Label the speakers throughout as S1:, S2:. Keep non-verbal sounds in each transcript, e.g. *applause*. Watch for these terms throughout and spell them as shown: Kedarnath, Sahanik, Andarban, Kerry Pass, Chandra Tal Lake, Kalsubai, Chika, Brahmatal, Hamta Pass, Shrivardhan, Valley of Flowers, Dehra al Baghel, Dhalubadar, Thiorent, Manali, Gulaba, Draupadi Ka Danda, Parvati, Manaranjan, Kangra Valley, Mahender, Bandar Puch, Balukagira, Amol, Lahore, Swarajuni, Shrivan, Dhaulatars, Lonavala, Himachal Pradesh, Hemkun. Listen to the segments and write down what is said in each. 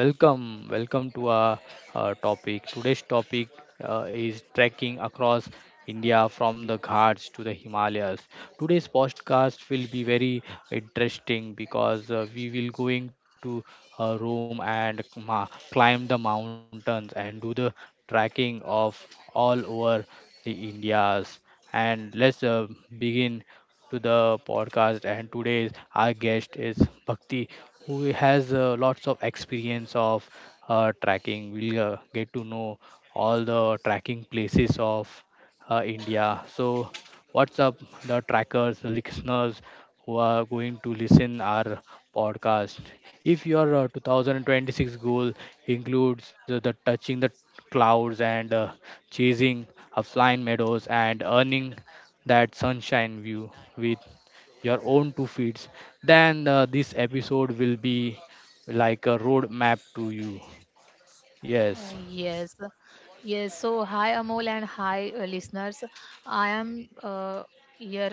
S1: Welcome, welcome to our, topic. Today's topic is trekking across India from the Ghats to the Himalayas. Today's podcast will be very interesting because we will going to Rome and climb the mountains and do the trekking of all over the Indias. And let's begin to the podcast. And today's our guest is Bhakti, who has lots of experience of tracking. We'll get to know all the tracking places of India. So, what's up, the trackers, the listeners who are going to listen our podcast? If your 2026 goal includes the touching the clouds and chasing a flying meadows and earning that sunshine view with your own 2 feet, then this episode will be like a road map to you.
S2: Uh,
S1: Yes,
S2: Yes, yes. So, hi Amol and hi listeners. I am your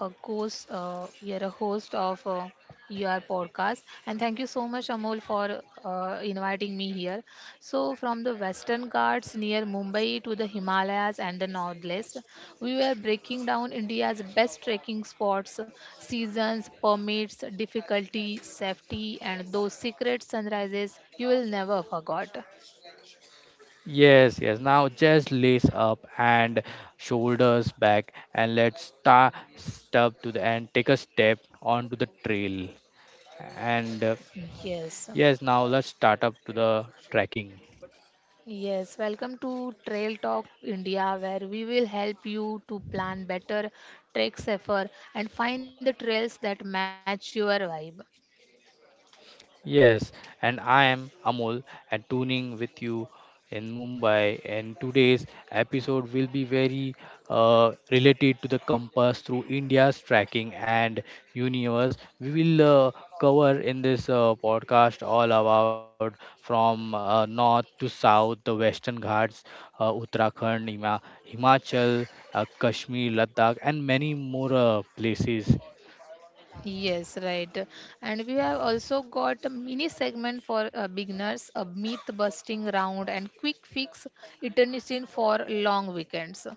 S2: your a host of your podcast, and thank you so much Amol for inviting me here. So, from the Western Ghats near Mumbai to the Himalayas and the Northwest, we were breaking down India's best trekking spots, seasons, permits, difficulty, safety, and those secret sunrises you will never forgot.
S1: yes, yes. Now just lace up and shoulders back, and let's start step to the and take a step onto the trail. And
S2: Yes,
S1: yes, now let's start up to the trekking.
S2: yes. Welcome to Trail Talk India, where we will help you to plan better, trek safer, and find the trails that match your vibe.
S1: Yes, and I am Amol and tuning with you in Mumbai. And today's episode will be very related to the compass through India's tracking and universe. We will cover in this podcast all about from north to south, the Western Ghats, Uttarakhand, Himachal, Kashmir, Ladakh, and many more places.
S2: Yes, right. And we have also got a mini segment for beginners, a myth busting round, and quick fix itineraries for long weekends.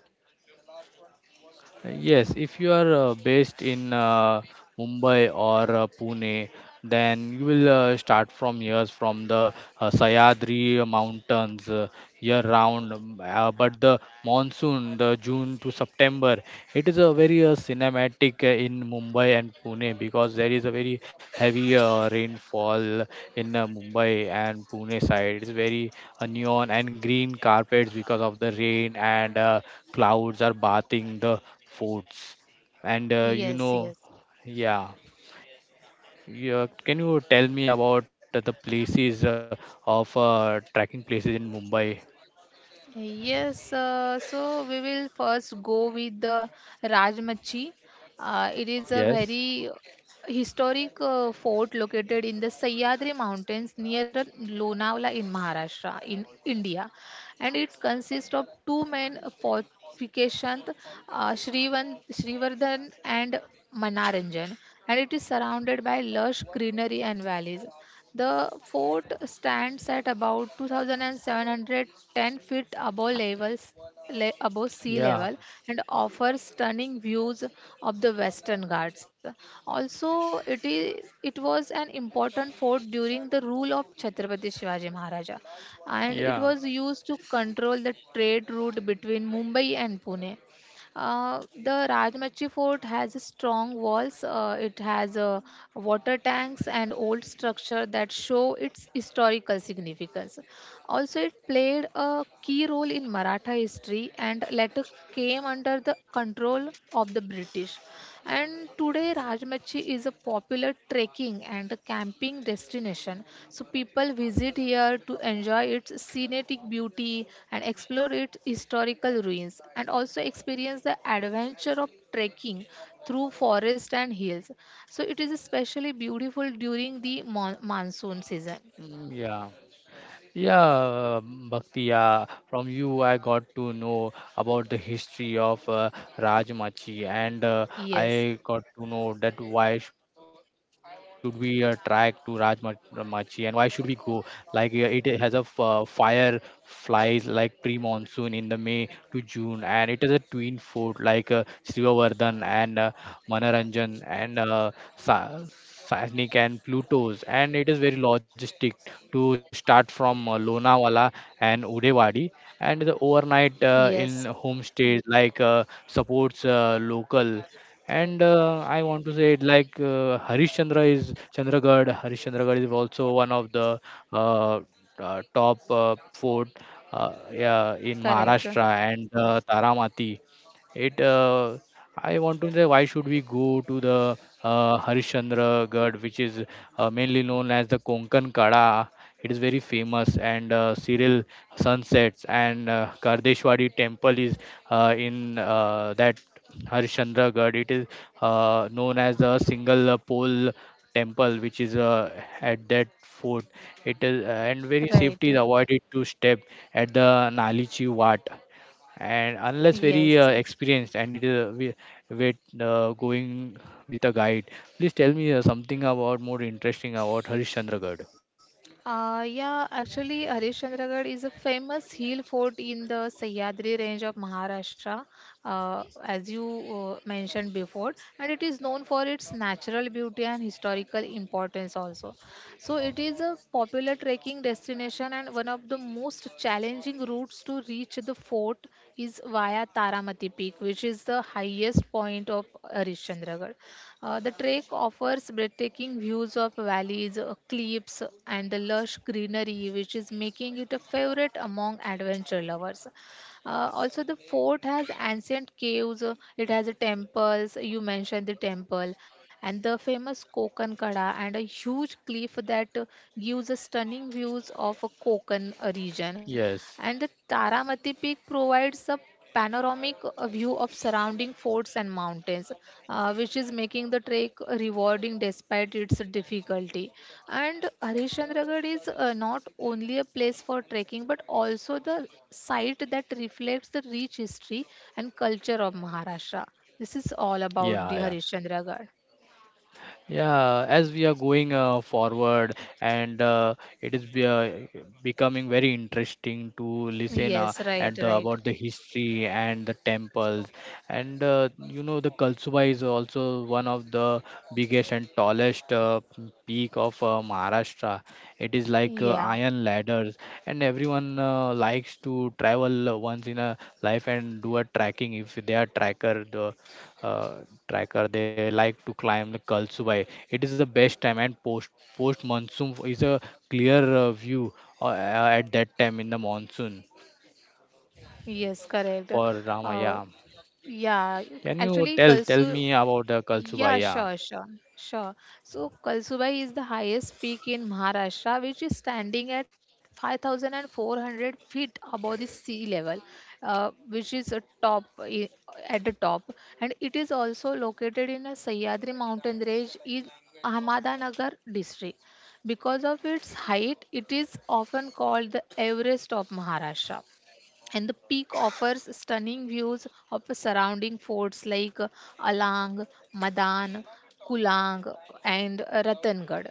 S1: Yes, if you are based in Mumbai or Pune, then you will start from here, from the Sayadri Mountains. Year round but the monsoon the june to september it is a very cinematic in mumbai and pune because there is a very heavy rainfall in mumbai and pune side it's very neon and green carpets because of the rain and clouds are bathing the forts and
S2: Yes, yes.
S1: yeah yeah, can you tell me about the places of trekking places in Mumbai?
S2: Yes, so we will first go with the Rajmachi. It is a
S1: Yes.
S2: very historic fort located in the Sahyadri Mountains near Lonavala in Maharashtra, in India, and it consists of two main fortifications, Shrivardhan and Manaranjan, and it is surrounded by lush greenery and valleys. The fort stands at about 2,710 feet above sea
S1: Yeah.
S2: level and offers stunning views of the Western Ghats. Also, it was an important fort during the rule of Chhatrapati Shivaji Maharaja, and it
S1: Yeah,
S2: was used to control the trade route between Mumbai and Pune. The Rajmachi Fort has strong walls. It has water tanks and old structure that show its historical significance. Also, it played a key role in Maratha history and later came under the control of the British. And today, Rajmachi is a popular trekking and camping destination. So, people visit here to enjoy its scenic beauty and explore its historical ruins and also experience the adventure of trekking through forest and hills. So, it is especially beautiful during the monsoon season.
S1: mm, yeah, yeah, Bhaktiya. From you, I got to know about the history of Rajmachi, and
S2: Yes,
S1: I got to know that why should we track to Rajmachi and why should we go? Like, it has a fire flies like pre-monsoon in the May to June, and it is a twin fort like Srivavardhan and Manaranjan and Sa- Sahanik and Pluto's, and it is very logistic to start from Lonavala and Udewadi, and the
S2: yes.
S1: overnight in homestays like supports local and I want to say it like Harishchandra is Chandragarh. Harishchandragarh is also one of the uh, top fort yeah, in
S2: Correct.
S1: Maharashtra and Taramati. It I want to say why should we go to the Harishchandragarh, which is mainly known as the Konkan Kada. It is very famous and serial sunsets and Kardeshwari temple is in that Harishchandragarh. It is known as the single pole temple which is at that fort it is and very
S2: Right.
S1: safety is avoided to step at the nalichi wat and unless
S2: Yes.
S1: very experienced and it is with going with a guide, please tell me something about more interesting about harishchandragarh.
S2: Yeah, actually, Harishchandragarh is a famous hill fort in the Sahyadri range of Maharashtra, as you mentioned before, and it is known for its natural beauty and historical importance also. So, it is a popular trekking destination, and one of the most challenging routes to reach the fort is via Taramati Peak, which is the highest point of Harishchandragarh. The trek offers breathtaking views of valleys, cliffs, and the lush greenery, which is making it a favorite among adventure lovers. Also, the fort has ancient caves, it has a temples, you mentioned the temple, and the famous Kokan Kada, and a huge cliff that gives a stunning views of a Kokan region. And the
S1: Yes,
S2: Taramati Peak provides a panoramic view of surrounding forts and mountains, which is making the trek rewarding despite its difficulty. And Harishandragarh is not only a place for trekking but also the site that reflects the rich history and culture of Maharashtra. This is all about the
S1: yeah.
S2: Harishandragarh.
S1: Yeah, as we are going forward, and it is be, uh, becoming very interesting to listen
S2: Yes, right,
S1: at the,
S2: right.
S1: about the history and the temples, and you know the Kalsuba is also one of the biggest and tallest peak of Maharashtra. It is like
S2: Yeah,
S1: iron ladders, and everyone likes to travel once in a life and do a trekking if they are tracker uh, tracker they like to climb the kalsubai. It is the best time and post monsoon is a clear view at that time in the monsoon
S2: yes, correct.
S1: for rama.
S2: Uh,
S1: Yeah,
S2: Yeah, you-
S1: can you
S2: actually,
S1: tell
S2: Kalsu.
S1: tell me about the kalsubai?
S2: Yeah,
S1: Yeah.
S2: sure. So, Kalsubai is the highest peak in Maharashtra, which is standing at 5,400 feet above the sea level, which is a top I- at the top, and it is also located in a Sahyadri mountain range in Ahmednagar district. Because of its height, it is often called the Everest of Maharashtra and the peak offers stunning views of surrounding forts like Alang, Madan, Kulang, and Ratan.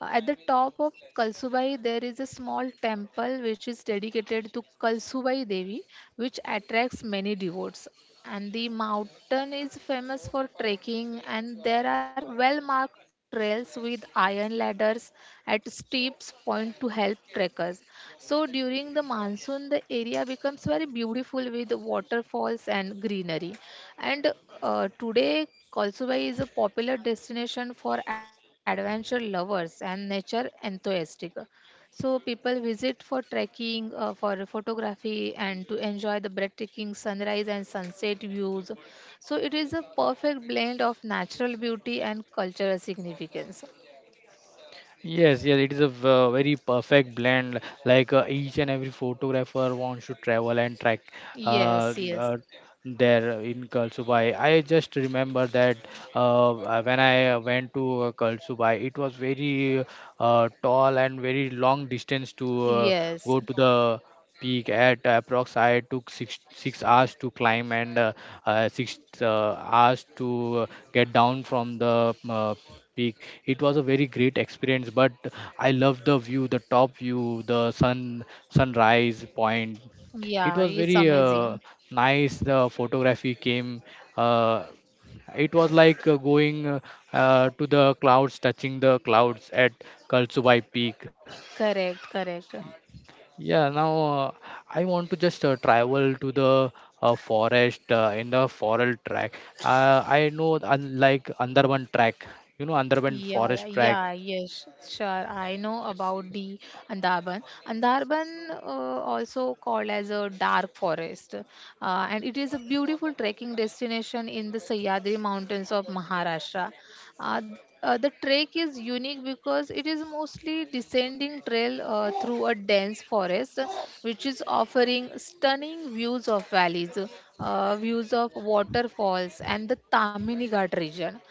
S2: At the top of Kalsubai, there is a small temple which is dedicated to Kalsubai Devi, which attracts many devotees. And the mountain is famous for trekking, and there are well marked trails with iron ladders at steep points to help trekkers. So during the monsoon, the area becomes very beautiful with waterfalls and greenery. And today, Kalsubai is a popular destination for adventure lovers and nature enthusiasts. So people visit for trekking, for photography, and to enjoy the breathtaking sunrise and sunset views. So it is a perfect blend of natural beauty and cultural significance.
S1: Yes, yes, it is a very perfect blend. Like each and every photographer wants to travel and track uh,
S2: Yes, yes,
S1: uh, there in Kalsubai. I just remember that when I went to Kalsubai, it was very tall and very long distance to go
S2: yes.
S1: to the peak at approx I took six hours to climb and six hours to uh, get down from the peak. It was a very great experience, but I loved the view, the top view, the sunrise point. It
S2: Yeah,
S1: was
S2: it's
S1: very
S2: amazing.
S1: nice. The photography came. Uh, it was like going to the clouds, touching the clouds at Kalsubai Peak.
S2: Correct, correct.
S1: Yeah, now I want to just travel to the forest in the forest track. I know un like Andarban track, you know Andarban
S2: Yeah, yeah,
S1: forest
S2: yeah,
S1: track.
S2: yes, sure. I know about the Andaman, also called as a dark forest, and it is a beautiful trekking destination in the Sahyadri Mountains of Maharashtra. Uh, the trek is unique because it is mostly descending trail through a dense forest, which is offering stunning views of valleys, views of waterfalls, and the Tamini Ghat region.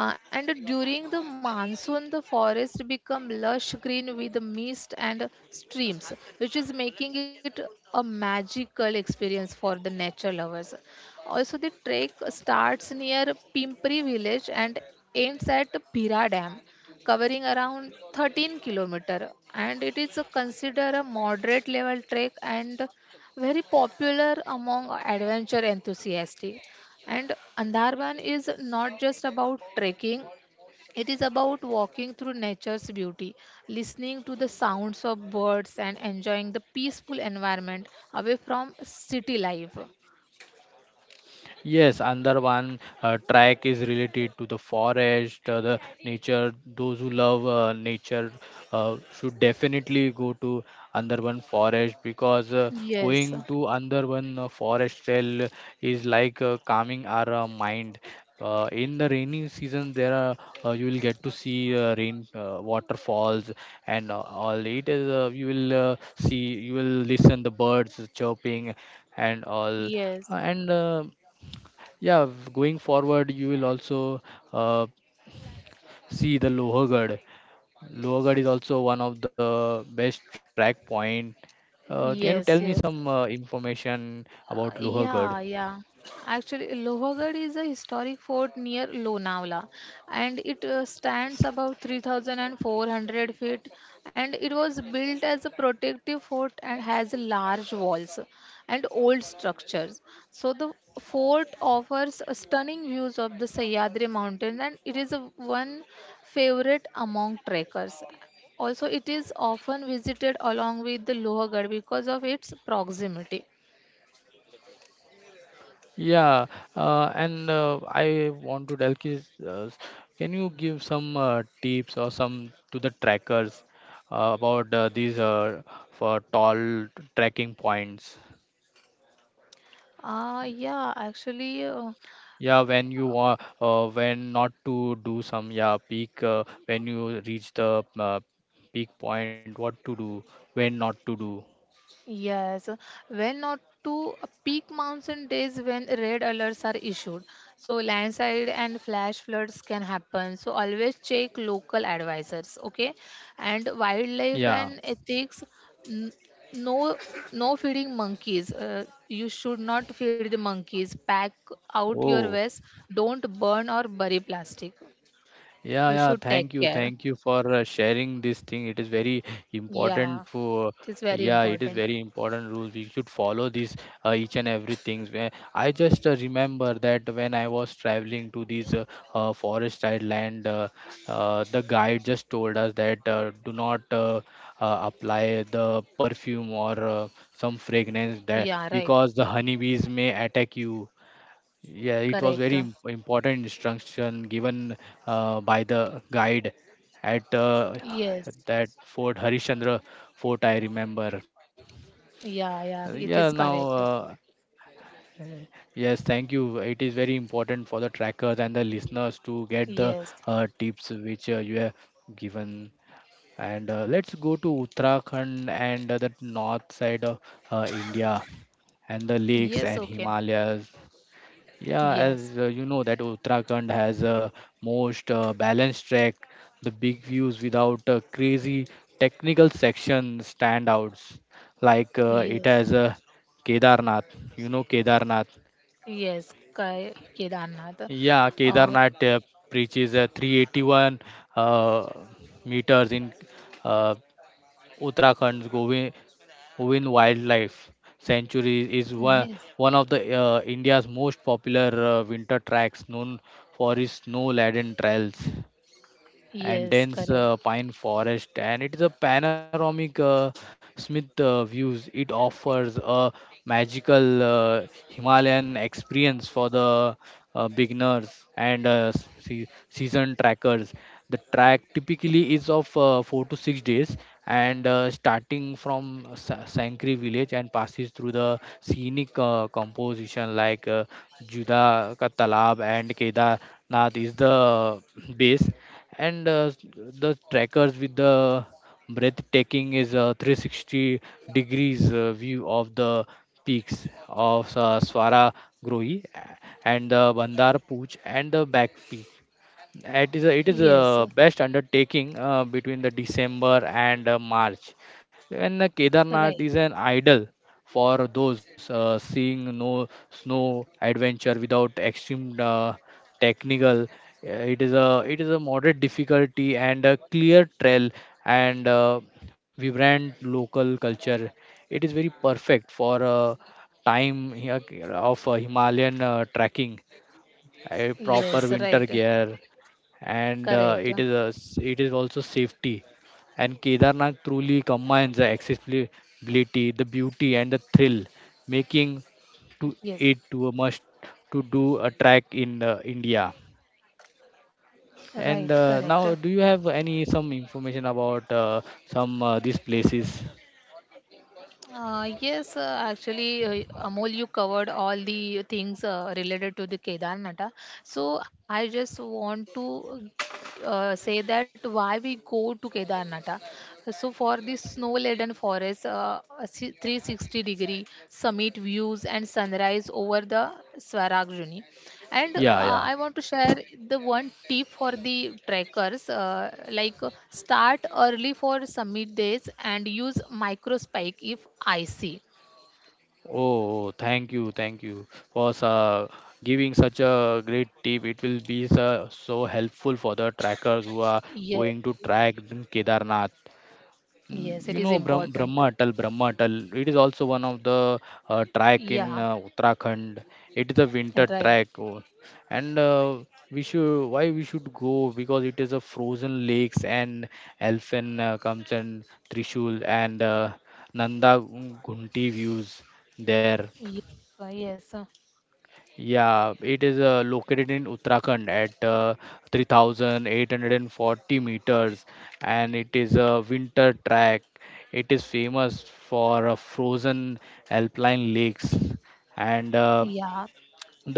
S2: And during the monsoon, the forest become lush green with mist and streams, which is making it a magical experience for the nature lovers. Also, the trek starts near Pimpri village and ends at Pira Dam, covering around 13 kilometer, and it is considered a moderate level trek and very popular among adventure enthusiasts. And Andarban is not just about trekking, it is about walking through nature's beauty, listening to the sounds of birds, and enjoying the peaceful environment away from city life.
S1: Yes, another one track is related to the forest, the nature. Those who love nature should definitely go to Andarban forest because
S2: Yes,
S1: going to Andarban forest trail is like calming our mind. In the rainy season, there are you will get to see rain waterfalls and all. It is you will see you will listen the birds chirping and all.
S2: yes,
S1: And yeah, going forward, you will also uh, see the Lohargarh. Lohargarh is also one of the best track point. Can you tell me
S2: yes,
S1: some
S2: yes.
S1: information about Lohargarh?
S2: Yeah. Actually, Lohagarh is a historic fort near Lonavala, and it stands about 3,400 feet. And it was built as a protective fort and has large walls and old structures. So the fort offers a stunning views of the Sahyadri mountain, and it is a one favorite among trekkers. Also, it is often visited along with the Lohagarh because of its proximity.
S1: Yeah, and I want to tell kids, can you give some tips or some to the trackers about these for tall trekking points?
S2: Ah, yeah, actually, uh,
S1: Yeah, when you want, when not to do some, yeah, peak, when you reach the peak point, what to do, when not to do.
S2: yes. When not to peak mountain days when red alerts are issued. So landslide and flash floods can happen. So always check local advisors, okay? And wildlife
S1: Yeah.
S2: and ethics, n- no no feeding monkeys. You should not feed the monkeys. Pack out your
S1: Oh.
S2: waste. Don't burn or bury plastic.
S1: Yeah,
S2: You
S1: yeah.
S2: should take care.
S1: Thank you for sharing this thing. It is very
S2: Yeah,
S1: important for.
S2: it is very
S1: Yeah, it is
S2: important.
S1: very important rules. We should follow these each and every things. Where I just remember that when I was traveling to this forest side land, the guide just told us that do not apply the perfume or some fragrance
S2: Yeah,
S1: that
S2: right.
S1: because the honeybees may attack you. Yeah, it was
S2: Correct.
S1: very important instruction given by the guide at
S2: Yes.
S1: that Fort Harishchandra Fort, I remember.
S2: Yeah, yeah, it
S1: Yeah,
S2: is
S1: now,
S2: correct.
S1: yes, thank you. It is very important for the trackers and the listeners to get the
S2: Yes.
S1: tips which you have given. And let's go to Uttarakhand and the north side of India and the lakes
S2: Yes,
S1: and
S2: okay.
S1: Himalayas. Yeah, as
S2: Yes.
S1: you know that Uttarakhand has a most balanced track, the big views without crazy technical section standouts. Like it
S2: Yes.
S1: has Kedarnath, you know Kedarnath.
S2: Yes, Kedarnath.
S1: Yeah,
S2: Uh,
S1: Kedarnath reaches 381 uh, meters in uh, Uttarakhand's Govind Win Wildlife Sanctuary is
S2: yes.
S1: one of the India's most popular winter tracks known for its snow-laden trails and
S2: Yes,
S1: dense
S2: correct.
S1: pine forest and it is a panoramic smith views it offers a magical himalayan experience for the beginners, and season trackers. The track typically is of 4 to 6 days and starting from Sankri village and passes through the scenic composition like Juda Ka Talab and Kedarnath is the base and the trackers with the breathtaking is a 360 degrees view of the peaks of Swara Grohi and the Bandar Puch and the Back Peak. It is
S2: Yes.
S1: a best undertaking between the December and March, when the
S2: Right.
S1: Kedarnath is an idol for those seeing no snow adventure without extreme technical. It is a moderate difficulty and a clear trail and vibrant local culture. It is very perfect for time here of Himalayan trekking a proper
S2: Yes,
S1: winter
S2: right.
S1: gear, and
S2: Correct.
S1: it is also safety. And Kedarnath truly combines the accessibility, the beauty, and the thrill,
S2: Yes.
S1: making to it to a must to do a track in India.
S2: Right,
S1: And
S2: correct.
S1: now, do you have any some information about some these places?
S2: Yes, actually, Amol, you covered all the things related to the Kedarnatha. So I just want to say that why we go to Kedarnatha. So for the snow-laden forest, 360-degree summit views and sunrise over the Swarajuni and
S1: Yeah,
S2: I
S1: yeah.
S2: want to share the one tip for the trackers like uh, start early for summit days and use micro spike if I see
S1: Oh, oh, thank you for giving such a great tip. It will be so, so helpful for the trackers who are
S2: yes
S1: going to track in Kedarnath.
S2: yes
S1: Mm,
S2: it
S1: you
S2: is
S1: know,
S2: important
S1: Brahma Atal, Brahma Atal, it is also one of the track in
S2: yeah
S1: Uttarakhand. It is a winter
S2: right
S1: track, oh, and we should why we should go because it is a frozen lakes and elephant comes and Trishul and Nanda Gunti views there.
S2: yes yes
S1: Yeah, it is located in Uttarakhand at 3,840 meters, and it is a winter track. It is famous for frozen alpine lakes, and
S2: yeah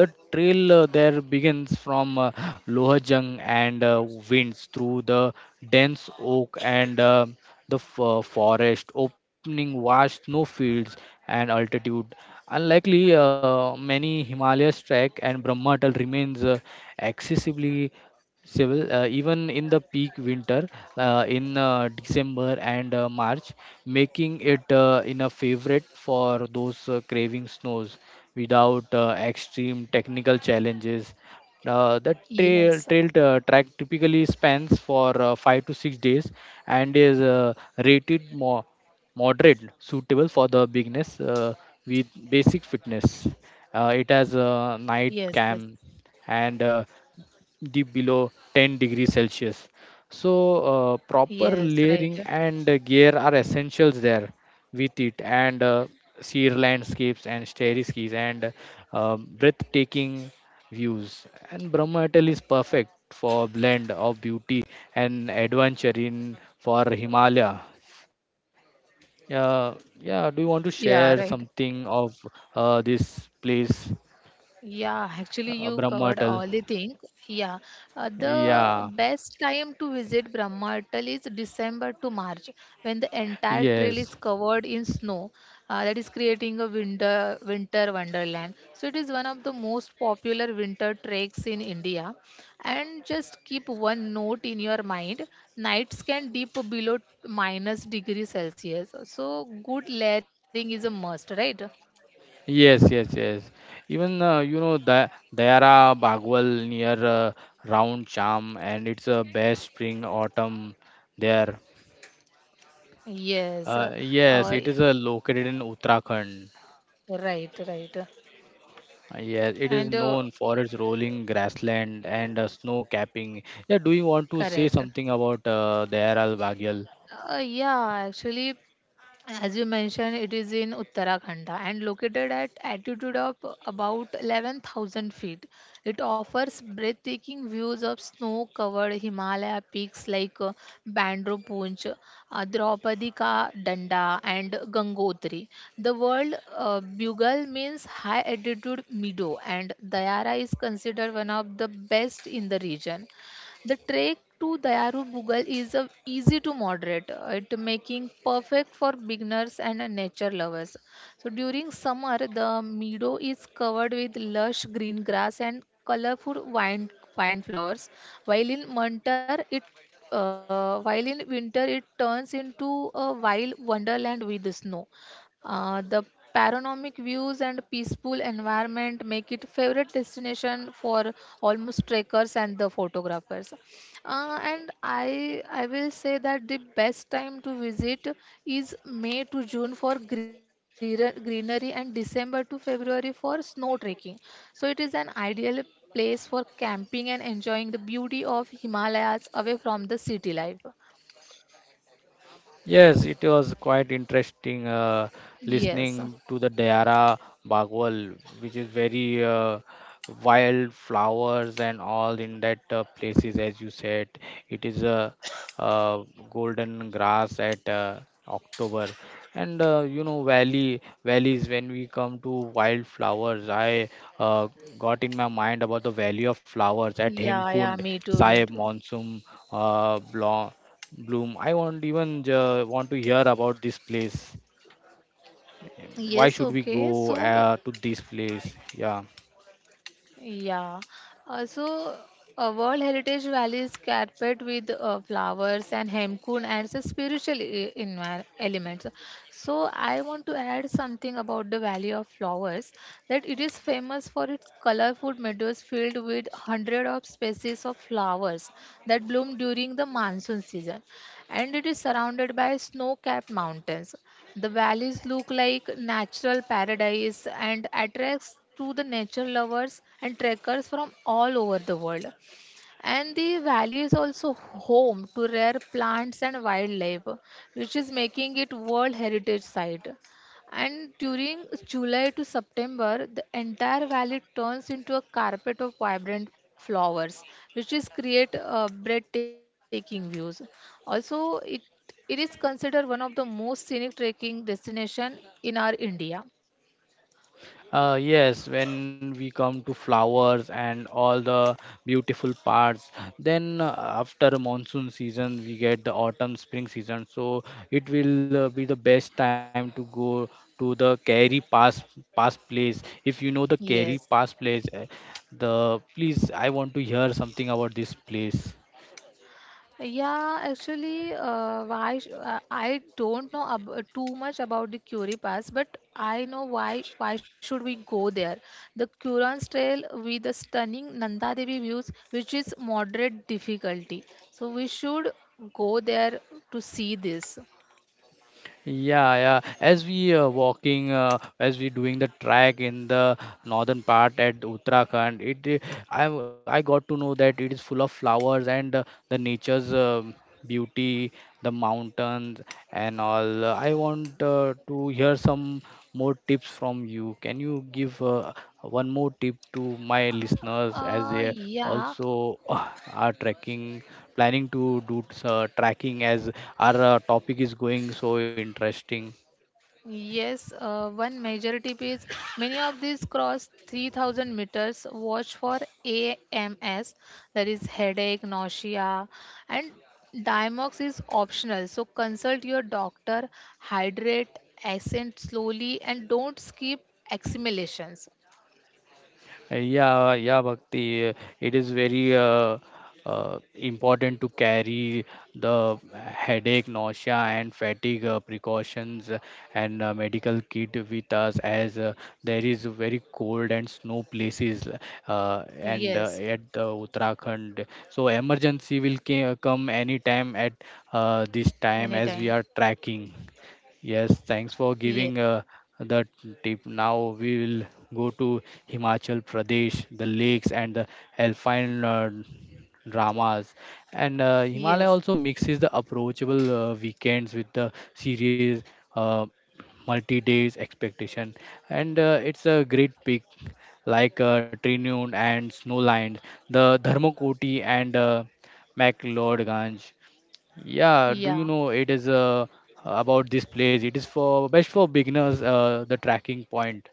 S1: the trail there begins from Lohajung and winds through the dense oak and the forest, opening vast snowfields and altitude. Unlikely, many Himalayas trek and Brahma Atal remains excessively civil even in the peak winter in December and March, making it in a favorite for those craving snows without extreme technical challenges. uh, the trail
S2: yes
S1: trail t- track typically spans for 5 to 6 days and is rated more moderate, suitable for the beginners with basic fitness. It has a
S2: yes
S1: night
S2: yes
S1: camp and deep below 10 degrees Celsius. So,
S2: yes
S1: proper
S2: right
S1: layering and gear are essentials there with it, and sheer landscapes and stair skis and breathtaking views and brahmatal is perfect for blend of beauty and adventure in for himalaya. Yeah, yeah, do you want to share
S2: yeah right
S1: something of this place,
S2: Yeah, actually, you covered
S1: brahmatal?
S2: all the things. Yeah, the
S1: Yeah,
S2: best time to visit Brahmatal is December to March when the entire trail is
S1: yes.
S2: covered in snow. That is creating a winter wonderland. So it is one of the most popular winter treks in India. And just keep one note in your mind: nights can dip below minus degree Celsius. So good layering is a must, right?
S1: Yes, yes, yes. Even you know the Dayara Bagwal near Round Cham, and it's a best spring autumn there.
S2: Yes. Uh,
S1: Yes, it is located in Uttarakhand.
S2: Right, right.
S1: Yes, it
S2: And
S1: is known for its rolling grassland and snow capping. Yeah, do you want to say
S2: correct.
S1: something about Dehra al Baghel?
S2: Yeah, actually, as you mentioned, it is in Uttarakhand and located at altitude of about 11,000 feet. It offers breathtaking views of snow-covered Himalaya peaks like Bandro Punj, Draupadi Ka Danda, and Gangotri. The word bugle means high altitude meadow, and Dayara is considered one of the best in the region. The trek to Dayaru Bugal is a, easy to moderate, it making perfect for beginners and nature lovers. So during summer, the meadow is covered with lush green grass and colorful wine vine flowers, while in winter it while in winter it turns into a wild wonderland with snow the Panoramic views and peaceful environment make it favorite destination for almost trekkers and the photographers. And I will say that the best time to visit is May to June for greenery and December to February for snow trekking. So it is an ideal place for camping and enjoying the beauty of Himalayas away from the city life.
S1: Yes, it was quite interesting
S2: Yes.
S1: listening to the Dayara Bagwal, which is very wild flowers and all in that places, as you said. It is a uh, uh, golden grass at October, and you know valleys. When we come to wild flowers, I uh, got in my mind about the Valley of Flowers at Hemkund
S2: Yeah, yeah, me
S1: Sahib
S2: too, me too.
S1: Monsoon uh, Bloom. I want even want to hear about this place. Why
S2: Yes,
S1: should we
S2: okay.
S1: go to this place? Yeah.
S2: Yeah. So, World Heritage Valley is carpet with flowers and hemkun adds a spiritual element. So, I want to add something about the Valley of Flowers that it is famous for its colorful meadows filled with hundred of species of flowers that bloom during the monsoon season and it is surrounded by snow capped mountains. The valleys look like natural paradise and attracts to the nature lovers and trekkers from all over the world. And the valley is also home to rare plants and wildlife, which is making it World Heritage Site. And during July to September, the entire valley turns into a carpet of vibrant flowers, which is create breathtaking views. Also, it is considered one of the most scenic trekking destination in our India.
S1: Yes, when we come to flowers and all the beautiful parts, then after monsoon season we get the autumn spring season. So it will be the best time to go to the Kerry Pass place. If you know the Kerry
S2: Yes.
S1: Pass place, the please I want to hear something about this place.
S2: Yeah, actually, I don't know too much about the Curie Pass, but I know why. Why should we go there? The Kuran's Trail with the stunning Nanda Devi views, which is moderate difficulty, so we should go there to see this.
S1: Yeah, yeah. As we walking, as we doing the track in the northern part at Uttarakhand, it uh, I got to know that it is full of flowers and the nature's beauty, the mountains and all. I want to hear some more tips from you. Can you give one more tip to my listeners
S2: Uh,
S1: as they
S2: yeah,
S1: also are tracking, planning to do tracking as our topic is going so interesting?
S2: Yes, one major tip is many of these cross 3000 meters. Watch for AMS, that is headache, nausea, and Diamox is optional. So consult your doctor, hydrate, ascend slowly, and don't skip accumulations.
S1: Yeah, yeah, Bhakti. It is very important to carry the headache, nausea, and fatigue precautions and medical kit with us as there is very cold and snow places and
S2: Yes,
S1: at the Uttarakhand. So emergency will ca- come anytime at this
S2: anytime.
S1: time as we are tracking. Yes, thanks for
S2: Yes,
S1: giving the tip. Now we will go to Himachal Pradesh, the lakes and the alpine dramas. And Himalaya
S2: yes,
S1: also mixes the approachable weekends with the series uh, multi-days expectation. And it's a great peak like Trinun and Snowland, the Dharmakoti and McLeodganj. Yeah, do
S2: yeah,
S1: you know it is about this place? It is for best for beginners, the tracking point.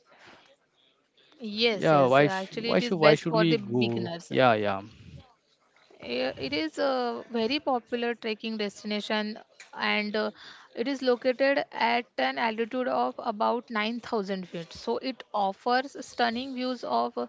S2: yes, yes.
S1: Yeah,
S2: Actually,
S1: why
S2: it
S1: sh
S2: is
S1: why
S2: best
S1: should
S2: for
S1: why
S2: the
S1: should we
S2: beginners.
S1: go? Yeah, yeah.
S2: It is a very popular trekking destination and it is located at an altitude of about 9,000 feet. So it offers stunning views of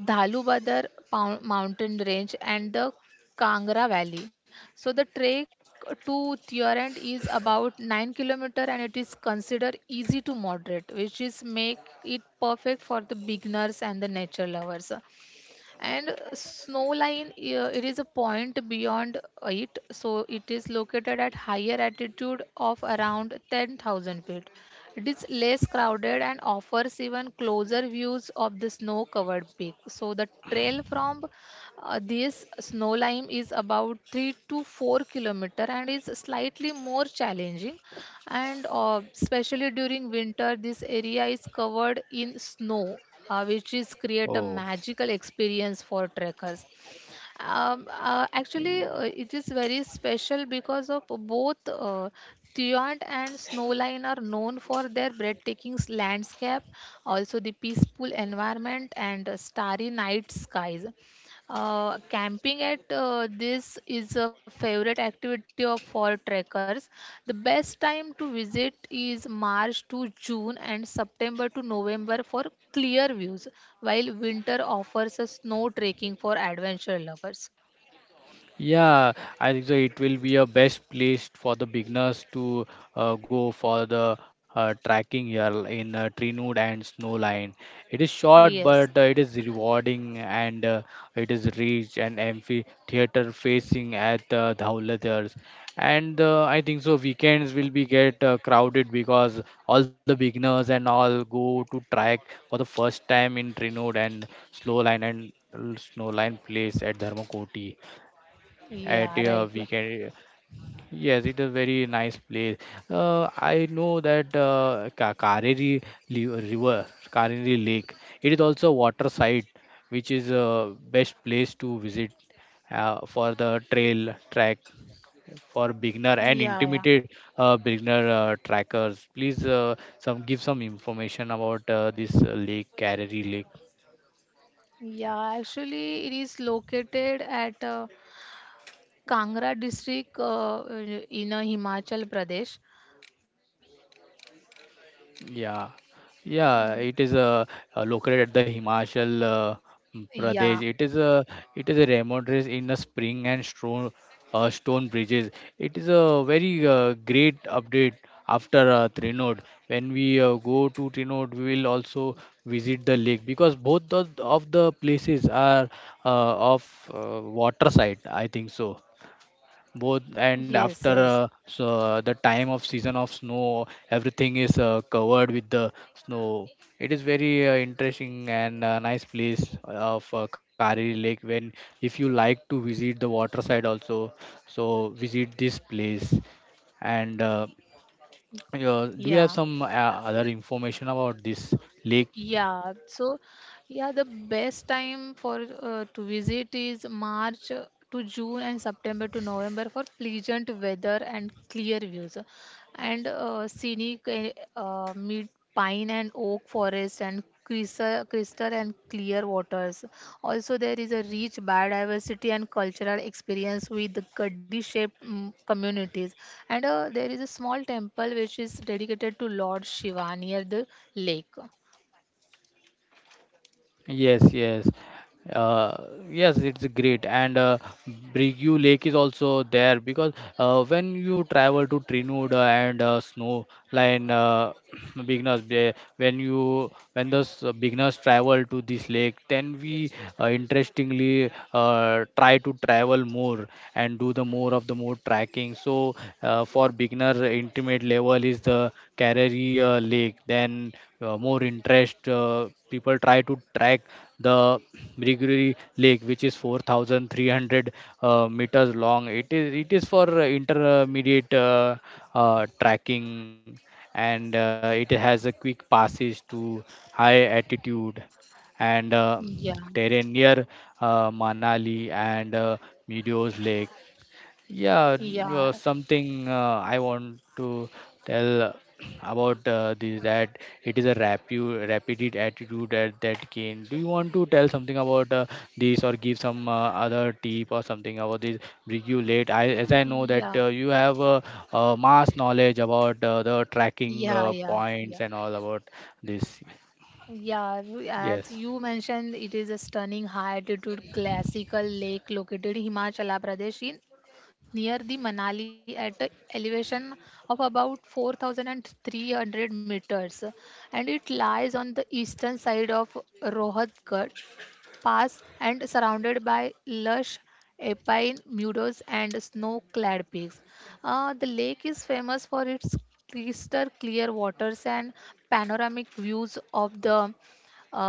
S2: Dhalubadar mountain range and the Kangra Valley. So the trek to Thiorent is about 9 kilometer and it is considered easy to moderate, which is make it perfect for the beginners and the nature lovers. And snow line, it is a point beyond it, so it is located at higher altitude of around 10,000 feet. It is less crowded and offers even closer views of the snow covered peak, so the trail from this snow line is about 3 to 4 kilometer and is slightly more challenging, and especially during winter this area is covered in snow, which is create a
S1: Oh,
S2: magical experience for trekkers. Actually it is very special because of both Tuyant and Snowline are known for their breathtaking landscape, also the peaceful environment and starry night skies. Camping at this is a favorite activity of fall trekkers. The best time to visit is March to June and September to November for clear views, while winter offers a snow trekking for adventure lovers.
S1: yeah, I think so. It will be a best place for the beginners to go for the tracking here in Trinud and Snowline. It is short, but
S2: Yes.
S1: it is rewarding and it is rich and amphitheater facing at Dhaulatars. And I think so. Weekends will be get crowded because all the beginners and all go to track for the first time in Trinud and Snowline place at Dharmakoti at
S2: Yeah, right.
S1: weekend. Yes, it is very nice place. I know that Kareri li- River, Kareri Lake. It is also a water site, which is best place to visit for the trail track for beginner and
S2: Yeah, yeah.
S1: intermediate beginner trackers. Please some give some information about this lake, Kareri Lake.
S2: Yeah, actually, it is located at Kangra district in Himachal Pradesh.
S1: Yeah, yeah, it
S2: Mm,
S1: is uh, uh, located at the Himachal
S2: yeah,
S1: Pradesh. It is a remote race in the spring and stone bridges. It is a very great update after Trinod. When we go to Trinod, we will also visit the lake because both the, of the places are of water side. I think so both and
S2: yes,
S1: after
S2: yes.
S1: so the time of season of snow everything is covered with the snow. It is very interesting and nice place of kari lake when if you like to visit the water side also, so visit this place and do you
S2: Yeah.
S1: have some other information about this lake?
S2: Yeah, so yeah, the best time for to visit is March to June and September to November for pleasant weather and clear views, and scenic mid pine and oak forest and crystal and clear waters. Also, there is a rich biodiversity and cultural experience with the Gaddi-shaped communities, and there is a small temple which is dedicated to Lord Shiva near the lake.
S1: Yes, yes. Uh, yes, it's great. And Brigu Lake is also there because when you travel to Trinooda and Snowline *clears throat* beginners, they- when you when the s- beginners travel to this lake, then we interestingly try to travel more and do the more of the more tracking. So for beginner intermediate level is the Kareri lake, then more interest people try to track the Brigiri lake, which is 4300 meters long. It is it is for intermediate tracking, and it has a quick passes to high altitude and
S2: Yeah,
S1: terrain near Manali and Meadows Lake. Yeah,
S2: yeah,
S1: something I want to tell *clears throat* about this, that it is a rapid attitude at that gain. Do you want to tell something about this or give some other tip or something about this? Bring you late. I as I know that
S2: yeah,
S1: you have mass knowledge about the tracking
S2: yeah, yeah, yeah.
S1: points and all about this.
S2: Yeah,
S1: Yes.
S2: as you mentioned, it is a stunning high altitude classical lake located in Himachala Pradesh in near the Manali at a elevation of about 4,300 meters, and it lies on the eastern side of Rohatgat pass and surrounded by lush alpine meadows and snow-clad peaks. The lake is famous for its crystal clear waters and panoramic views of the uh,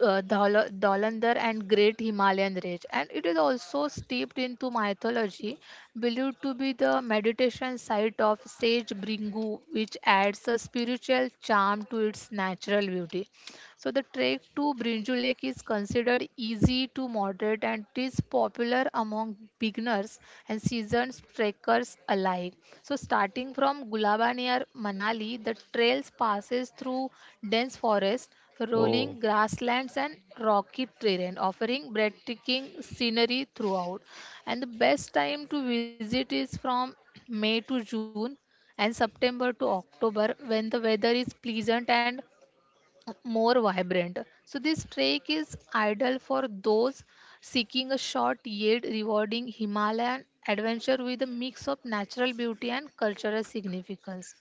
S2: Dholander and Great Himalayan Range, and it is also steeped into mythology, believed to be the meditation site of sage Bringu, which adds a spiritual charm to its natural beauty. So the trek to Brinju Lake is considered easy to moderate and is popular among beginners and seasoned trekkers alike. So starting from Gulaba near Manali, the trails passes through dense forest,
S1: Oh.
S2: rolling grasslands and rocky terrain, offering breathtaking scenery throughout. And the best time to visit is from May to June and September to October when the weather is pleasant and more vibrant. So this trek is ideal for those seeking a short yet rewarding Himalayan adventure with a mix of natural beauty and cultural significance.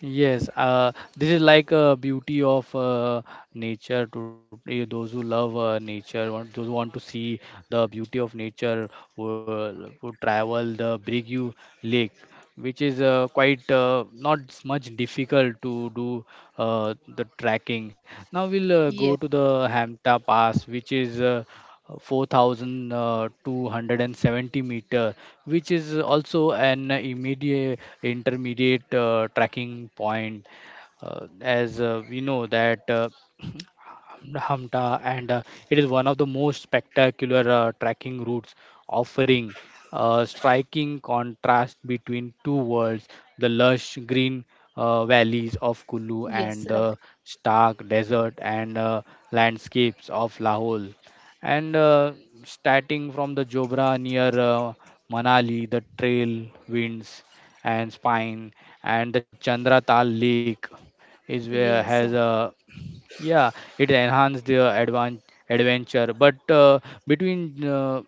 S1: Yes, this is like a beauty of nature to those who love nature, want, those who want to see the beauty of nature, will, who travel the Brigu Lake, which is quite not s- much difficult to do the trekking. Now we'll go to
S2: Yes,
S1: the Hamta Pass, which is 4,270 meter, which is also an immediate intermediate tracking point, as we know that *clears throat* Hamta, and it is one of the most spectacular trekking routes, offering a striking contrast between two worlds: the lush green
S2: yes,
S1: valleys
S2: right.
S1: of Kullu and the stark desert and landscapes of Lahore. And starting from the Jobra near Manali, the trail winds and spine, and the Chandra Tal Lake is where
S2: Yes,
S1: has a, yeah, it enhanced the adventure. But between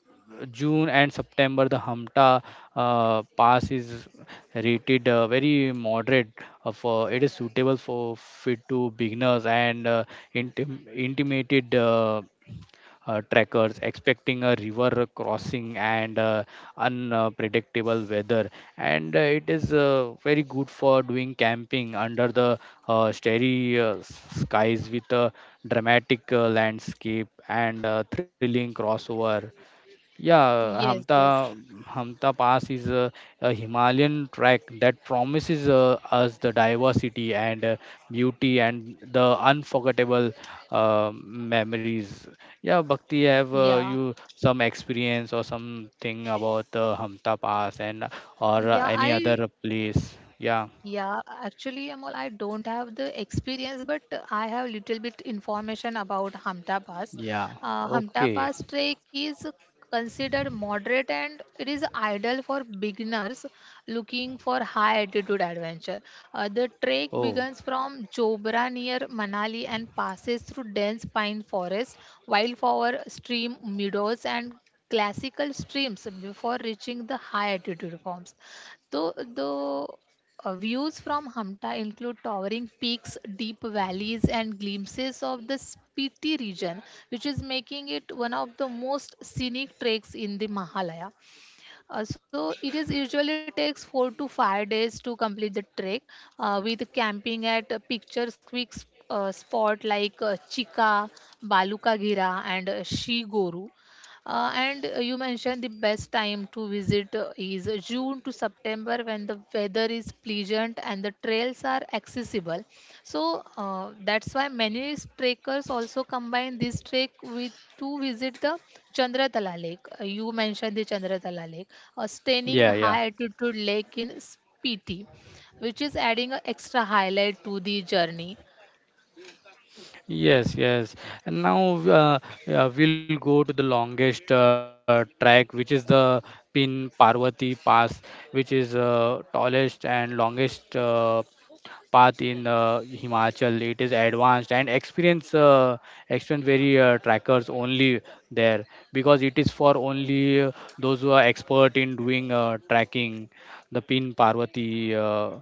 S1: June and September, the Hamta Pass is rated very moderate. For it is suitable for fit to beginners and intimated. Trekkers expecting a river crossing and unpredictable weather, and it is very good for doing camping under the starry skies with a dramatic landscape and thrilling crossover. Yeah,
S2: yes, yes.
S1: Hamta Pass is a Himalayan track that promises us the diversity and beauty and the unforgettable memories. Yeah, Bhakti, have
S2: Yeah,
S1: you some experience or something about Hamta Pass and or
S2: yeah.
S1: any other place? Yeah,
S2: Actually, Amol, I don't have the experience, but I have little bit information about Hamta Pass.
S1: yeah. Okay.
S2: Hamta Pass trek is considered moderate and it is ideal for beginners looking for high altitude adventure. The trek
S1: Oh,
S2: begins from Jobra near Manali and passes through dense pine forest, wildflower stream meadows, and classical streams before reaching the high altitude forms. So the views from Hamta include towering peaks, deep valleys, and glimpses of the Spiti region, which is making it one of the most scenic treks in the Mahalaya. So it is usually takes 4 to 5 days to complete the trek with camping at a pictures quick spot like Chika, Balukagira and Shigoru. And you mentioned the best time to visit is June to September when the weather is pleasant and the trails are accessible. So that's why many trekkers also combine this trek with to visit the Chandratala Lake. You mentioned the Chandratala Lake, a stunning
S1: yeah, yeah.
S2: high altitude lake in Spiti, which is adding an extra highlight to the journey.
S1: Yes, yes. And now we'll go to the longest track, which is the Pin Parvati Pass, which is tallest and longest path in Himachal. It is advanced and experience very trackers only there because it is for only those who are expert in doing tracking the Pin Parvati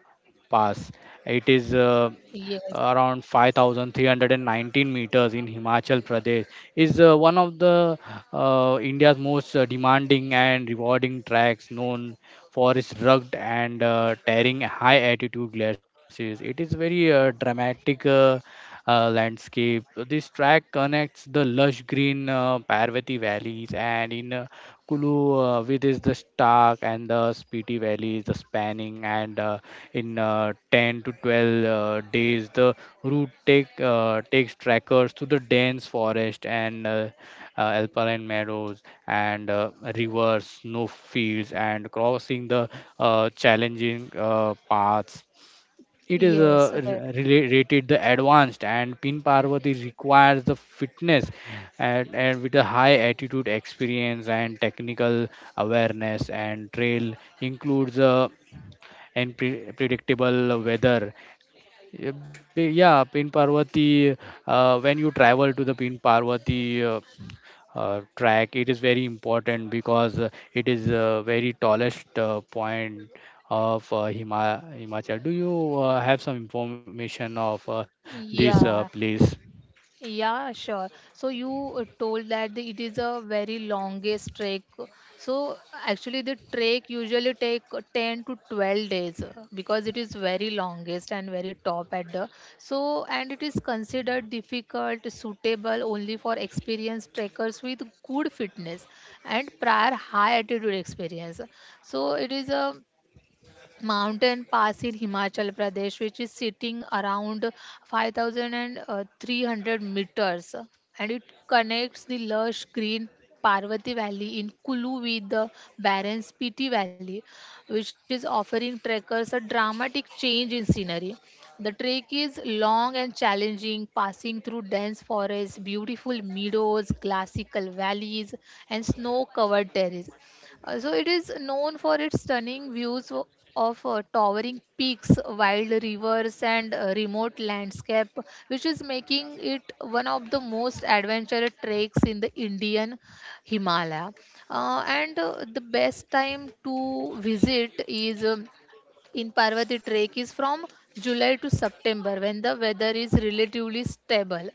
S1: pass. It is
S2: Yes,
S1: around 5319 meters in Himachal Pradesh is one of the India's most demanding and rewarding tracks, known for its rugged and tearing high altitude glaciers. It is very dramatic landscape. This track connects the lush green Parvati valleys and in Kulu with is the Stark and the Spiti valleys, the spanning and in 10 to 12 days. The route takes trackers to the dense forest and alpine meadows and rivers, snow fields and crossing the challenging paths. It is
S2: yes, right.
S1: rated the advanced, and Pin Parvati requires the fitness and with a high attitude experience and technical awareness. And trail includes predictable weather. Yeah, yeah, Pin Parvati. When you travel to the Pin Parvati track, it is very important because it is very tallest point of Himachal. Do you have some information of this
S2: Yeah,
S1: place?
S2: Yeah, sure. So you told that it is a very longest trek. So actually, the trek usually take 10 to 12 days because it is very longest and very top at the. So and it is considered difficult, suitable only for experienced trekkers with good fitness and prior high altitude experience. So it is a mountain pass in Himachal Pradesh, which is sitting around 5,300 meters, and it connects the lush green Parvati Valley in Kulu with the barren Spiti Valley, which is offering trekkers a dramatic change in scenery. The trek is long and challenging, passing through dense forests, beautiful meadows, classical valleys, and snow covered terraces. So it is known for its stunning views of towering peaks, wild rivers, and remote landscape, which is making it one of the most adventurous treks in the Indian Himalaya. And the best time to visit is in Parvati, trek is from July to September when the weather is relatively stable.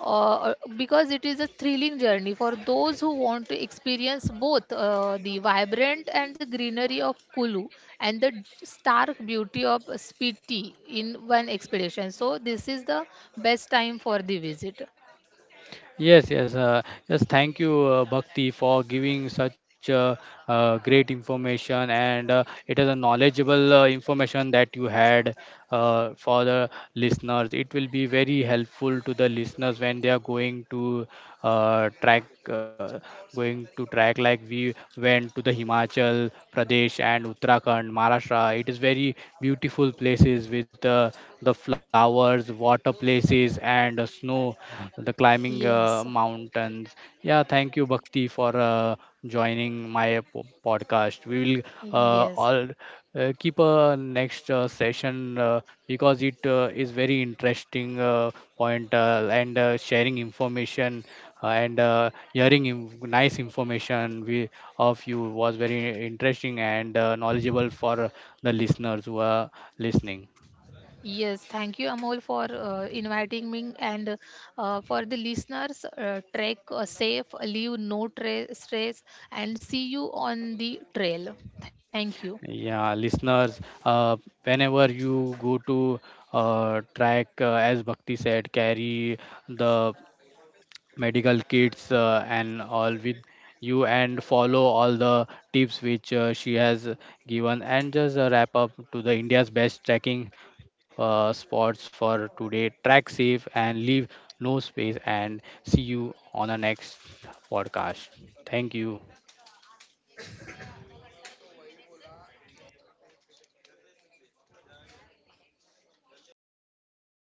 S2: Because it is a thrilling journey for those who want to experience both the vibrant and the greenery of Kulu and the stark beauty of Spiti in one expedition. So, this is the best time for the visit.
S1: Yes, yes, yes. Thank you, Bhakti, for giving such great information, and it is a knowledgeable information that you had for the listeners. It will be very helpful to the listeners when they are going to track, going to track like we went to the Himachal Pradesh and Uttarakhand, Maharashtra. It is very beautiful places with the flowers, water places, trees and snow, the climbing
S2: Yes,
S1: mountains. Yeah, thank you, Bhakti, for joining my podcast. We will
S2: yes.
S1: all keep a next session because it is very interesting point and sharing information and hearing nice information we, of you was very interesting and knowledgeable for the listeners who are listening.
S2: Yes, thank you, Amol, for inviting me and for the listeners. Trek safe, leave no stress, and see you on the trail. Thank you.
S1: Yeah, listeners, whenever you go to track, as Bhakti said, carry the medical kits and all with you and follow all the tips which she has given and just wrap up to the India's best trekking spots for today. Track safe and leave no space and see you on the next podcast. Thank you.